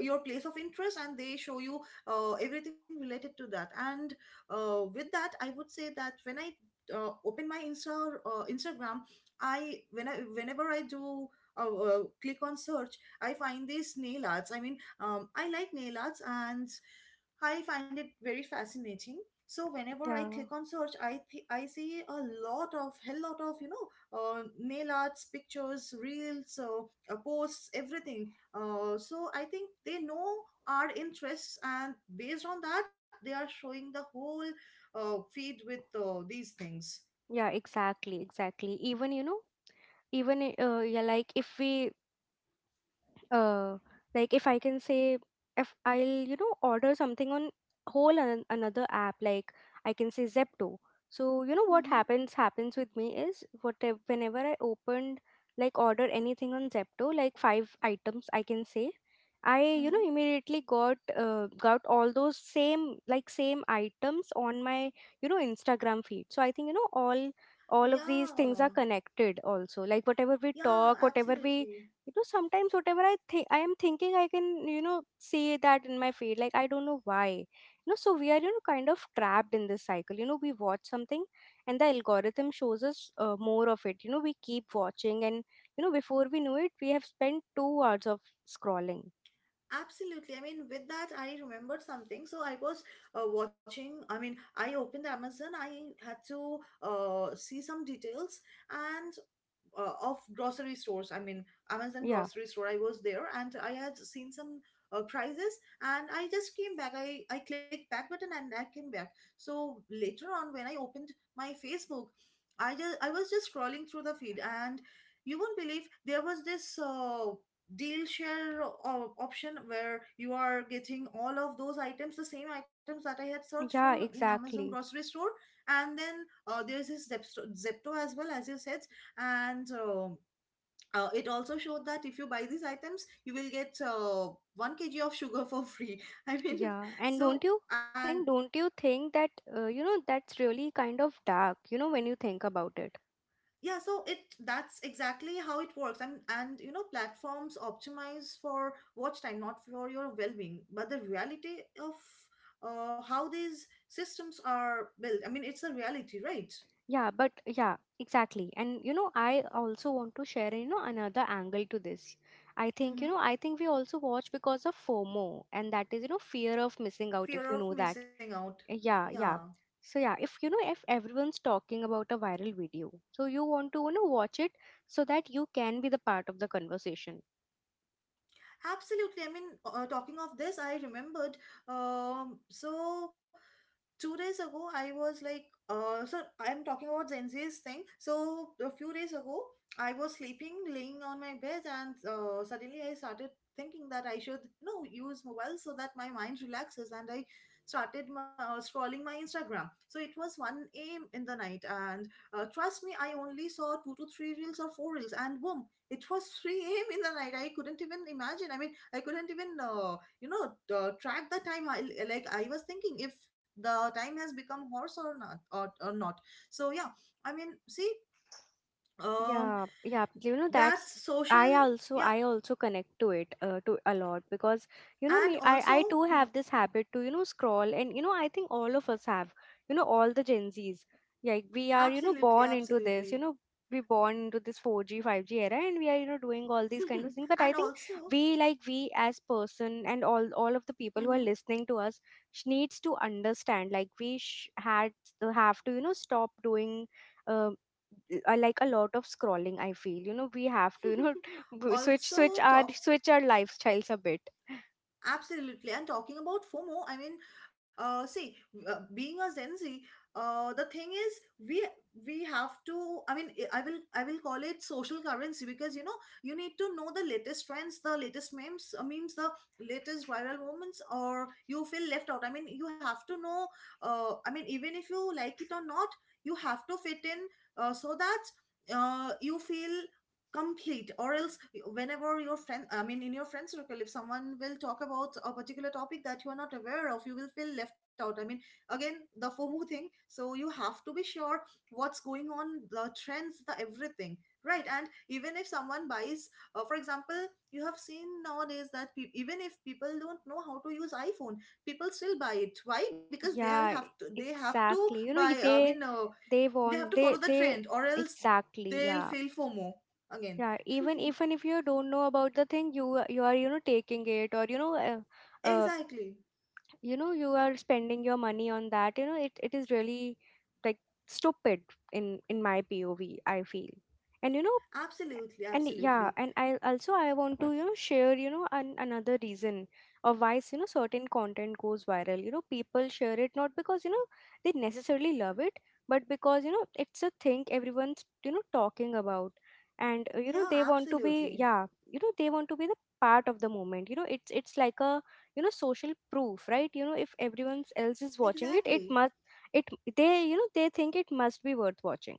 Speaker 2: your place of interest, and they show you uh, everything related to that. And uh, with that, I would say that when I uh, open my Insta, or uh, Instagram, i when i whenever I do uh, uh, click on search, I find these nail arts I mean um, I like nail arts and I find it very fascinating. So whenever I
Speaker 1: Yeah,
Speaker 2: click on search, I th- I see a lot of, hell lot of, you know, uh, nail arts, pictures, reels, uh, uh, posts, everything. Uh, so I think they know our interests, and based on that, they are showing the whole uh, feed with uh, these things.
Speaker 1: yeah, exactly, exactly, even you know, even i- uh, yeah, like if we uh like, if I can say, if I'll, you know, order something on whole an- another app, like I can say Zepto. So you know what
Speaker 2: Mm-hmm,
Speaker 1: happens happens with me is what, whenever I opened, like order anything on Zepto, like five items I can say, I, you know,
Speaker 2: mm-hmm.
Speaker 1: immediately got uh, got all those, same like same items on my, you know, Instagram feed. So I think, you know, all all of these things are
Speaker 2: Yeah,
Speaker 1: connected also. Like whatever we
Speaker 2: yeah,
Speaker 1: talk, whatever we,
Speaker 2: absolutely.
Speaker 1: you know, sometimes whatever I think I am thinking I can, you know, see that in my feed. Like I don't know why. You know, so we are, you know, kind of trapped in this cycle. You know, we watch something and the algorithm shows us, uh, more of it. You know, we keep watching and you know before we know it we have spent two hours of scrolling.
Speaker 2: Absolutely. I mean, with that, I remembered something. So I was uh, watching. I mean, I opened Amazon. I had to uh, see some details, and uh, of grocery stores, I mean Amazon
Speaker 1: Yeah,
Speaker 2: grocery store, I was there and I had seen some uh, prices, and I just came back. I i clicked back button and I came back. So later on when I opened my Facebook, i just i was just scrolling through the feed, and you won't believe there was this uh, deal share o- option where you are getting all of those items, the same items that I had searched for
Speaker 1: yeah,
Speaker 2: in Amazon
Speaker 1: exactly.
Speaker 2: grocery store. And then uh, there's this zepto, Zepto, as well as you said. And uh, uh, it also showed that if you buy these items you will get uh, one kilogram of sugar for free. (laughs) I mean,
Speaker 1: Yeah, and don't
Speaker 2: so,
Speaker 1: you
Speaker 2: and
Speaker 1: and don't you think that, uh, you know, that's really kind of dark, you know, when you think about it?
Speaker 2: yeah, so it, that's exactly how it works. And and, you know, platforms optimize for watch time, not for your well-being, but the reality of uh, how these systems are built, I mean it's a reality, right?
Speaker 1: Yeah, but yeah, exactly. And you know, I also want to share, you know, another angle to this. I think, you
Speaker 2: Mm-hmm.
Speaker 1: know, I think we also watch because of FOMO, and that is, you know, fear of missing out,
Speaker 2: Fear
Speaker 1: if you
Speaker 2: of
Speaker 1: know that.
Speaker 2: missing out.
Speaker 1: Uh, Yeah,
Speaker 2: Yeah,
Speaker 1: yeah. So yeah, if you know if everyone's talking about a viral video, so you want to, you know, watch it so that you can be the part of the conversation.
Speaker 2: absolutely. I mean, uh, talking of this, I remembered, um so two days ago I was like, uh so I'm talking about Gen Z's thing. So a few days ago I was sleeping, laying on my bed, and uh, suddenly I started thinking that I should, you know, use mobile so that my mind relaxes. And I started my, uh, scrolling my Instagram. So it was one a m in the night, and uh, trust me, I only saw two to three reels or four reels, and boom, it was three a m in the night. I couldn't even imagine. I mean, I couldn't even uh, you know uh, track the time. I, like, I was thinking if the time has become horse or not, or, or not. So yeah, I mean, see. um
Speaker 1: Yeah, yeah, you know, that's,
Speaker 2: that's social.
Speaker 1: I also
Speaker 2: Yeah.
Speaker 1: I also connect to it, uh, to a lot, because you know
Speaker 2: And
Speaker 1: me, I I
Speaker 2: also,
Speaker 1: too
Speaker 2: you know,
Speaker 1: have this habit to, you know, scroll and you know I think all of us have, you know, all the Gen Zs, like we are, you know,
Speaker 2: absolutely,
Speaker 1: born into this, you
Speaker 2: absolutely.
Speaker 1: know, we born into this four G five G era and we are, you know, doing all these kind of things,
Speaker 2: (laughs)
Speaker 1: but I
Speaker 2: And
Speaker 1: think
Speaker 2: also.
Speaker 1: we, like we as person and all all of the people who are listening to us, sh- needs to understand like we sh- had have to, you know, stop doing uh, uh, like a lot of scrolling. I feel you know we have to, you know, (laughs)
Speaker 2: (laughs)
Speaker 1: w- switch
Speaker 2: Also
Speaker 1: switch our
Speaker 2: talk.
Speaker 1: switch our lifestyles a bit.
Speaker 2: Absolutely. And talking about FOMO, I mean, uh, see, uh, being a Gen Z, uh, the thing is, we we have to. I mean, I I will I will call it social currency, because you know you need to know the latest trends, the latest memes, uh, memes, the latest viral moments, or you feel left out. I mean, you have to know. Uh, I mean, even if you like it or not, you have to fit in uh, so that uh, you feel complete. Or else, whenever your friend, I mean, in your friend circle, if someone will talk about a particular topic that you are not aware of, you will feel left out. I mean, again, the FOMO thing. So you have to be sure what's going on, the trends, the everything, right? And even if someone buys, uh, for example, you have seen nowadays that pe- even if people don't know how to use iPhone, people still buy it. Why? Because they'll have
Speaker 1: yeah
Speaker 2: to
Speaker 1: e,
Speaker 2: they have to
Speaker 1: exactly, you know,
Speaker 2: buy.
Speaker 1: y-
Speaker 2: I mean,
Speaker 1: they
Speaker 2: uh,
Speaker 1: they
Speaker 2: they have to
Speaker 1: want,
Speaker 2: follow
Speaker 1: they
Speaker 2: the
Speaker 1: they
Speaker 2: trend, or else
Speaker 1: exactly.
Speaker 2: they'll
Speaker 1: Yeah,
Speaker 2: feel FOMO again.
Speaker 1: yeah, even
Speaker 2: (laughs)
Speaker 1: even if you don't know about the thing, you you are, you know, taking it or you know, uh, uh,
Speaker 2: Exactly.
Speaker 1: you know, you are spending your money on that, you know it, it is really like stupid in in my POV, I feel. And you know,
Speaker 2: Absolutely,
Speaker 1: and yeah,
Speaker 2: absolutely.
Speaker 1: and I also I want to, you know, share, you know, an, another reason of why, you know, certain content goes viral. You know, people share it not because, you know, they necessarily love it, but because, you know, it's a thing everyone's, you know, talking about. And uh, you know,
Speaker 2: Yeah,
Speaker 1: they want to be,
Speaker 2: absolutely.
Speaker 1: yeah, you know, they want to be the part of the moment. You know, it's it's like a, you know, social proof, right? You know, if everyone else is watching it, it
Speaker 2: Exactly.
Speaker 1: must, it, they, you know, they think it must be worth watching.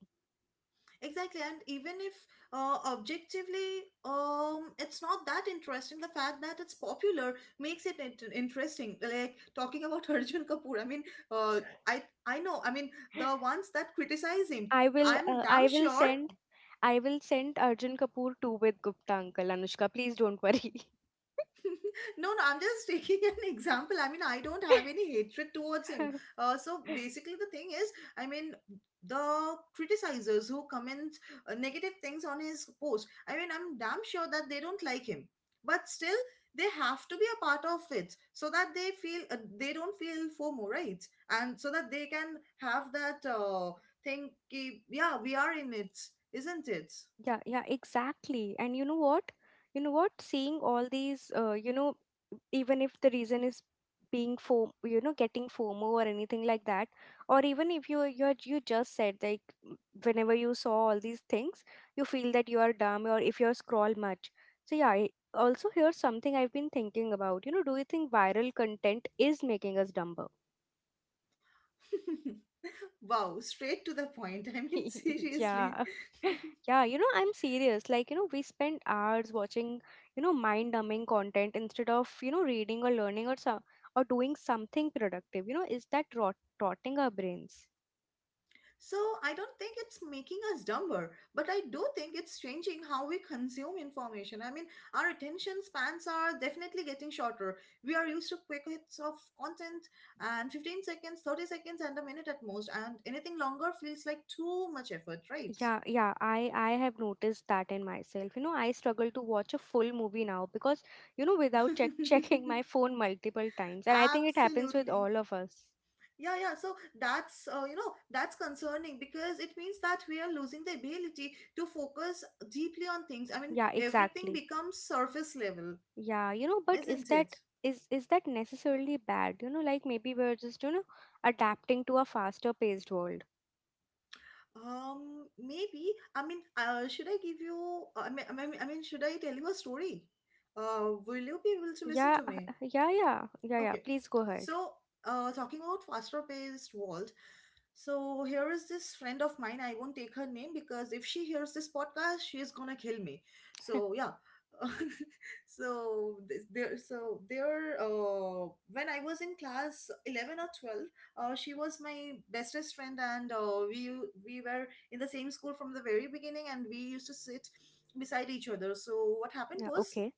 Speaker 2: Exactly. And even if uh, objectively um it's not that interesting, the fact that it's popular makes it int- interesting. Like, talking about (laughs) Arjun Kapoor, I mean, uh, I I know, I mean, the ones that criticize him,
Speaker 1: i will
Speaker 2: I'm
Speaker 1: uh,
Speaker 2: damn
Speaker 1: i will
Speaker 2: sure.
Speaker 1: send I will send Arjun Kapoor two with Gupta uncle, Anushka, please don't worry.
Speaker 2: No, no, I'm just taking (laughs) an example. I mean, I don't have any hatred towards him.
Speaker 1: (laughs)
Speaker 2: Uh, so basically, the thing is, I mean, the criticizers who comment uh, negative things on his post, I mean, I'm damn sure that they don't like him. But still, they have to be a part of it so that they feel uh, they don't feel FOMO, right? And so that they can have that uh, thing, ki, yeah, we are in it, isn't it?
Speaker 1: Yeah, yeah, exactly. And you know what? You know what? Seeing all these, uh, you know, even if the reason is being form, you know, getting FOMO or anything like that, or even if you you you just said like m- whenever you saw all these things, you feel that you are dumb or if you scroll much. So yeah, I also, here's something I've been thinking about. You know, do you think viral content is making us dumber?
Speaker 2: (laughs) Wow, straight to the point. I mean, (laughs)
Speaker 1: (laughs)
Speaker 2: seriously.
Speaker 1: Yeah. (laughs)
Speaker 2: (laughs)
Speaker 1: Yeah, you know, I'm serious. Like, you know, we spend hours watching, you know, mind-numbing content instead of, you know, reading or learning or so, or doing something productive. You know, is that rot rotting our brains?
Speaker 2: So I don't think it's making us dumber, but I do think it's changing how we consume information. I mean, our attention spans are definitely getting shorter. We are used to quick hits of content, and fifteen seconds, thirty seconds, and a minute at most, and anything longer feels like too much effort, right?
Speaker 1: Yeah, yeah, I I have noticed that in myself. You know, I struggle to watch a full movie now because, you know, without check (laughs)
Speaker 2: (laughs)
Speaker 1: checking my phone multiple times, and I think it happens with
Speaker 2: Absolutely.
Speaker 1: all of us.
Speaker 2: Yeah, yeah. So that's uh, you know that's concerning, because it means that we are losing the ability to focus deeply on things. I mean,
Speaker 1: Yeah,
Speaker 2: everything
Speaker 1: exactly.
Speaker 2: becomes surface level,
Speaker 1: Yeah, you know, but is
Speaker 2: isn't
Speaker 1: that
Speaker 2: it?
Speaker 1: is is that necessarily bad? You know, like maybe we're just, you know, adapting to a faster paced world.
Speaker 2: Um, maybe. I mean, uh, should I give you? I mean, I mean, I mean, should I tell you a story? Uh, will you be able to listen
Speaker 1: Yeah,
Speaker 2: to
Speaker 1: uh,
Speaker 2: me?
Speaker 1: yeah, yeah, yeah, yeah.
Speaker 2: Okay.
Speaker 1: Please go ahead.
Speaker 2: So, uh, talking about faster paced world, so here is this friend of mine. I won't take her name, because if she hears this podcast, she is gonna kill me. So
Speaker 1: (laughs)
Speaker 2: yeah. (laughs) so this- there so there uh when I was in class eleven or twelve, uh she was my bestest friend. And uh, we we were in the same school from the very beginning, and we used to sit beside each other. So what happened
Speaker 1: Yeah,
Speaker 2: was,
Speaker 1: okay.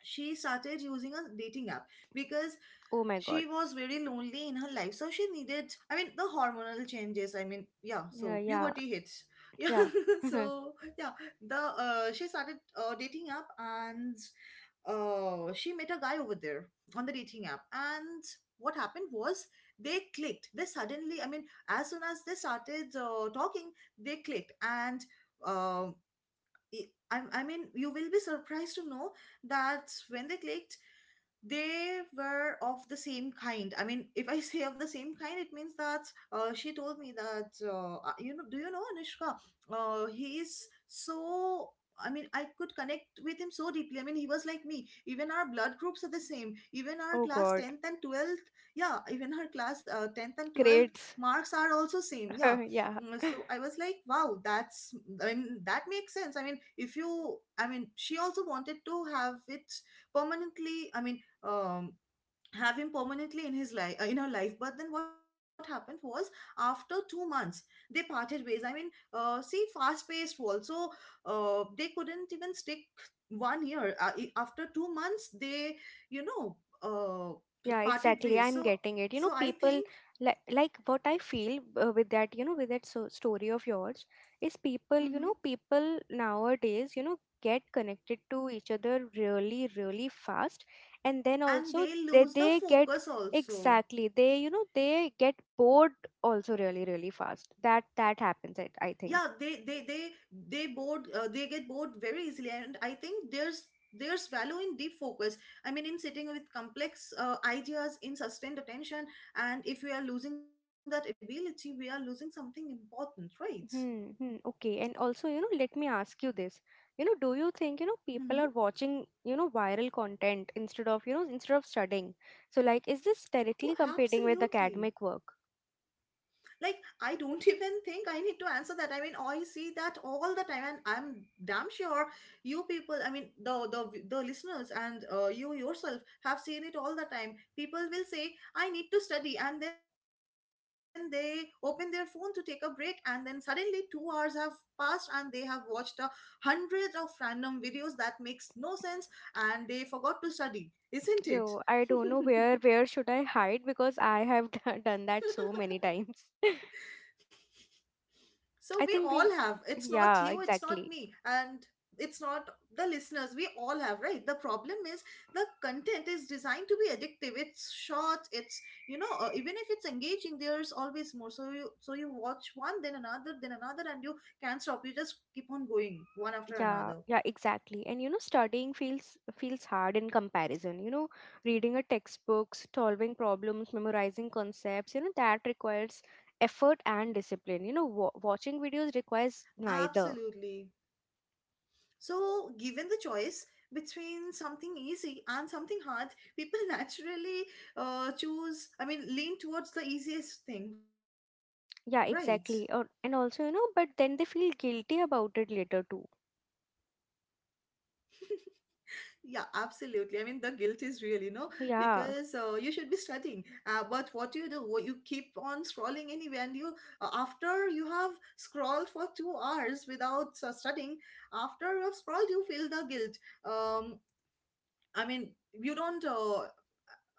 Speaker 2: she started using a dating app, because
Speaker 1: Oh my
Speaker 2: she
Speaker 1: God.
Speaker 2: was very lonely in her life, so she needed, I mean, the hormonal changes, I mean, yeah,
Speaker 1: Yeah,
Speaker 2: so
Speaker 1: yeah,
Speaker 2: puberty hits. (laughs) Yeah.
Speaker 1: yeah. (laughs)
Speaker 2: So yeah, the uh, she started uh, dating app, and uh, she met a guy over there on the dating app. And what happened was, they clicked they suddenly, I mean, as soon as they started uh, talking, they clicked. And um I, I I mean you will be surprised to know that when they clicked, they were of the same kind. I mean, if I (laughs) say of the same kind, it means that uh, she told me that, uh, uh, you know, do you know, Anushka, uh, he is so, I mean, I could connect with him so deeply. I mean, he was like me. Even our blood groups are the same. Even our
Speaker 1: Oh
Speaker 2: class
Speaker 1: God.
Speaker 2: tenth and twelfth, yeah, even her class uh, tenth and twelfth
Speaker 1: Grades.
Speaker 2: marks are also same, yeah.
Speaker 1: (laughs) Yeah.
Speaker 2: Mm, so I was like, wow, that's i mean that makes sense. I mean, if you I mean she also wanted to have it permanently, I mean, um, have him permanently in his life uh, in her life. But then what happened was, after two months they parted ways. I mean, uh, see, fast paced world. So uh, they couldn't even stick one year. Uh, i- after two months they, you know, uh, p-
Speaker 1: Yeah,
Speaker 2: parted
Speaker 1: exactly.
Speaker 2: ways.
Speaker 1: I'm
Speaker 2: so
Speaker 1: getting it. You know,
Speaker 2: so I
Speaker 1: people
Speaker 2: think.
Speaker 1: like like what I feel uh, with that, you know, with that so story of yours is people, you
Speaker 2: Mhm.
Speaker 1: know, people nowadays, you know, get connected to each other really, really fast, and then
Speaker 2: And
Speaker 1: also
Speaker 2: they
Speaker 1: they
Speaker 2: lose the
Speaker 1: they get
Speaker 2: focus also.
Speaker 1: exactly they you know they get bored also really, really fast. That that
Speaker 2: Yeah,
Speaker 1: happens.
Speaker 2: they
Speaker 1: I
Speaker 2: they
Speaker 1: I
Speaker 2: they
Speaker 1: think.
Speaker 2: they bored uh, they get bored very easily. And I think there's there's value in deep focus. I mean, in sitting with complex uh, ideas, in sustained attention. And if we are losing that ability, we are losing something important, right?
Speaker 1: Hmm, hmm, okay. And also, you know, let me ask you this. You know, do you think,
Speaker 2: Mm-hmm.
Speaker 1: you know, people are watching, you know, viral content instead of, you know, instead of studying? So like, is this
Speaker 2: Oh,
Speaker 1: directly competing with
Speaker 2: absolutely.
Speaker 1: academic work?
Speaker 2: Like, I don't even think I need to answer that. I mean, I see that all the time. And I'm damn sure you people, I mean, the the, the listeners and uh, you yourself have seen it all the time. People will say I need to study, and then they open their phone to take a break. And then suddenly two hours have passed and they have watched a hundred of random videos that makes no sense. And they forgot to study, isn't
Speaker 1: Yo,
Speaker 2: it?
Speaker 1: I don't know where where should I hide because I have (laughs) done that so many
Speaker 2: (laughs)
Speaker 1: times. (laughs)
Speaker 2: So
Speaker 1: I
Speaker 2: we
Speaker 1: think
Speaker 2: all
Speaker 1: we,
Speaker 2: have. It's not
Speaker 1: yeah,
Speaker 2: you, it's not
Speaker 1: exactly.
Speaker 2: me, and it's not the listeners. We all have, right? The problem is, the content is designed to be addictive. It's short. It's you know uh, Even if it's engaging, there's always more. So you so you watch one, then another, then another, and you can't stop. You just keep on going one after
Speaker 1: Yeah,
Speaker 2: another.
Speaker 1: yeah, exactly. And you know, studying feels feels hard in comparison. You know, reading a textbook, solving problems, memorizing concepts, you know, that requires effort and discipline. You know, wa watching videos requires neither.
Speaker 2: Absolutely. So given the choice between something easy and something hard, people (laughs) naturally uh, choose. I mean, lean towards the easiest thing, right?
Speaker 1: Yeah, exactly. Or, and also, you know, but then they feel guilty about it later too.
Speaker 2: Yeah, absolutely. I mean, the guilt is real, you know, because
Speaker 1: Yeah.
Speaker 2: uh, you should be studying. Uh, but what do you do? What- You keep on scrolling anyway, and you uh, after you have scrolled for two hours without uh, studying, after you have scrolled, you feel the guilt. Um, I mean, you don't. Uh,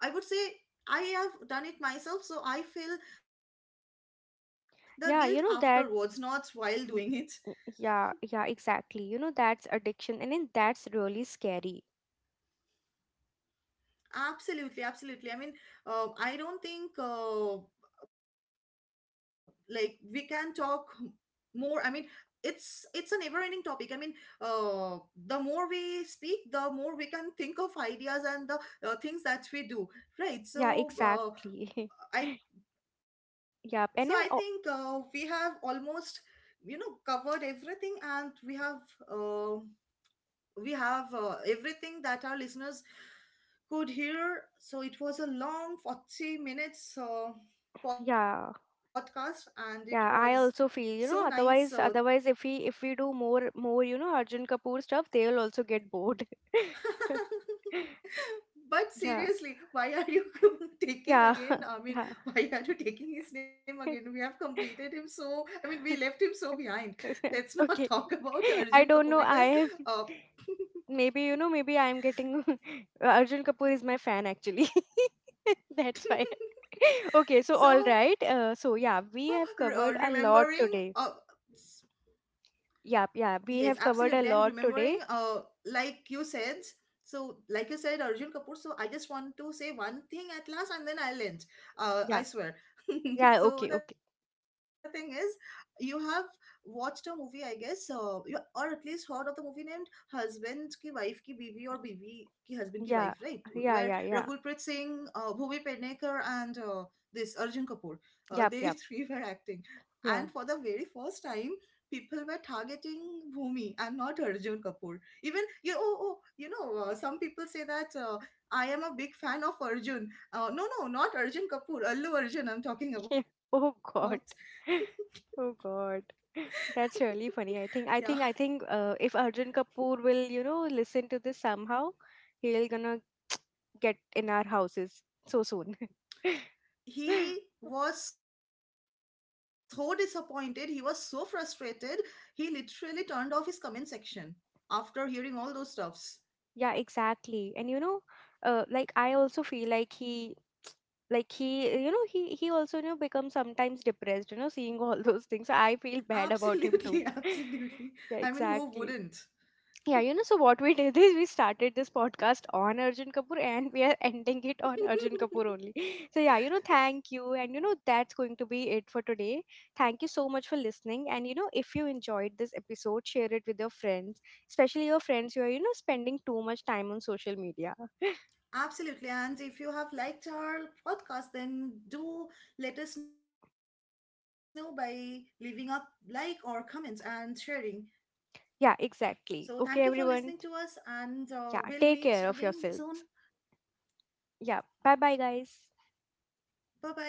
Speaker 2: I would say I have done it myself, so I feel the guilt afterwards, not while
Speaker 1: Yeah, you know
Speaker 2: doing it.
Speaker 1: that y- y- yeah, yeah, exactly. You know, that's addiction and then that's really scary.
Speaker 2: Absolutely, absolutely. I mean, uh, I don't think. Uh, like, we can talk more. I mean, it's it's a never ending topic. I mean, uh the more we speak, the more we can think of ideas, and the uh, things that we do, right? So
Speaker 1: Yeah,
Speaker 2: uh, i
Speaker 1: exactly. (laughs)
Speaker 2: so I think
Speaker 1: Yeah,
Speaker 2: uh,
Speaker 1: and I,
Speaker 2: we
Speaker 1: oh,
Speaker 2: have almost, you know, covered everything. And we have, um we have uh, everything that our listeners could hear. So it was a long forty minutes uh, podcast,
Speaker 1: yeah.
Speaker 2: and it was so
Speaker 1: Yeah, I
Speaker 2: nice.
Speaker 1: also
Speaker 2: Uh,
Speaker 1: feel, you know, otherwise otherwise if we if we do more more, you know, Arjun Kapoor stuff, they will also get bored.
Speaker 2: (laughs)
Speaker 1: (laughs)
Speaker 2: but seriously,
Speaker 1: Yeah.
Speaker 2: why are you (laughs) taking again?
Speaker 1: Yeah.
Speaker 2: I
Speaker 1: (laughs)
Speaker 2: mean,
Speaker 1: Yeah.
Speaker 2: why are you taking his name again? We have completed him so, I mean, we left him so behind.
Speaker 1: (laughs)
Speaker 2: Let's not (laughs) talk
Speaker 1: Okay.
Speaker 2: about Arjun
Speaker 1: (laughs)
Speaker 2: Kapoor,
Speaker 1: I don't
Speaker 2: because.
Speaker 1: know. I
Speaker 2: Uh,
Speaker 1: am maybe, you know, maybe I am getting (laughs) Arjun Kapoor is my fan actually. (laughs) That's why.
Speaker 2: (laughs)
Speaker 1: (laughs) Okay, so
Speaker 2: so
Speaker 1: all right.
Speaker 2: re- uh,
Speaker 1: Uh, so yeah,
Speaker 2: remembering
Speaker 1: we have
Speaker 2: uh,
Speaker 1: covered a lot today.
Speaker 2: Yes,
Speaker 1: Yeah, yeah,
Speaker 2: absolutely.
Speaker 1: we
Speaker 2: And
Speaker 1: have covered a
Speaker 2: remembering,
Speaker 1: lot
Speaker 2: uh,
Speaker 1: today.
Speaker 2: like you said, so like you said, Arjun Kapoor. So I just want to say one thing at last, and then I'll end. Uh, I swear.
Speaker 1: Yeah.
Speaker 2: (laughs) So the
Speaker 1: Yeah,
Speaker 2: thing
Speaker 1: okay,
Speaker 2: is,
Speaker 1: okay.
Speaker 2: you have watched a movie, I guess, uh, you, or at least heard of the movie named "Husband Ki Wife Ki Biwi" or "Biwi Ki Husband Ki Wife," right?
Speaker 1: Yeah,
Speaker 2: Where
Speaker 1: yeah,
Speaker 2: Raghulpreet
Speaker 1: yeah, yeah.
Speaker 2: Singh, uh, Bhumi Pednekar, and uh, this Arjun Kapoor, uh, they (laughs)
Speaker 1: Yep,
Speaker 2: three were
Speaker 1: yep.
Speaker 2: acting. And for the
Speaker 1: Yeah.
Speaker 2: very first time people were targeting Bhumi and not Arjun Kapoor. Even you, oh, oh, you know, uh, some people say that uh, I am a big fan of Arjun. Uh, no, no, not Arjun Kapoor, Allu Arjun I'm talking
Speaker 1: (laughs)
Speaker 2: about.
Speaker 1: Oh God. (laughs) Oh God. (laughs) That's really
Speaker 2: Yeah,
Speaker 1: funny. I think I think I think uh, if Arjun Kapoor will, you know, listen to this somehow, he'll gonna get in our houses so soon. (laughs)
Speaker 2: he was so disappointed. He was so frustrated. He literally turned off his comment section after hearing all those stuffs.
Speaker 1: Yeah, exactly. And you know, uh, like I also feel like he like he you know he he also you know becomes sometimes depressed you know seeing all (laughs) those things I feel bad about him too
Speaker 2: Absolutely, (laughs)
Speaker 1: (laughs)
Speaker 2: absolutely.
Speaker 1: yeah
Speaker 2: I mean, who
Speaker 1: exactly.
Speaker 2: wouldn't?
Speaker 1: Yeah, you know, so what we (laughs) did is we started this podcast on Arjun Kapoor and we are ending it on Arjun Kapoor only. (laughs) So,
Speaker 2: (laughs)
Speaker 1: yeah, you know, thank you. And, you know, that's going to be it for today. Thank you so much for listening. And, you know, if you enjoyed this episode, share it with your friends, especially your friends who are, you know, spending too much time on social media. (laughs)
Speaker 2: Absolutely. And if you have liked our podcast, then do let us know by leaving a like or comment and sharing. So
Speaker 1: Yeah,
Speaker 2: thank you for
Speaker 1: exactly.
Speaker 2: listening to
Speaker 1: Okay,
Speaker 2: us,
Speaker 1: everyone.
Speaker 2: and uh, we'll meet
Speaker 1: Yeah,
Speaker 2: again
Speaker 1: take care
Speaker 2: soon.
Speaker 1: of yourselves. Yeah, bye bye, guys.
Speaker 2: Bye bye.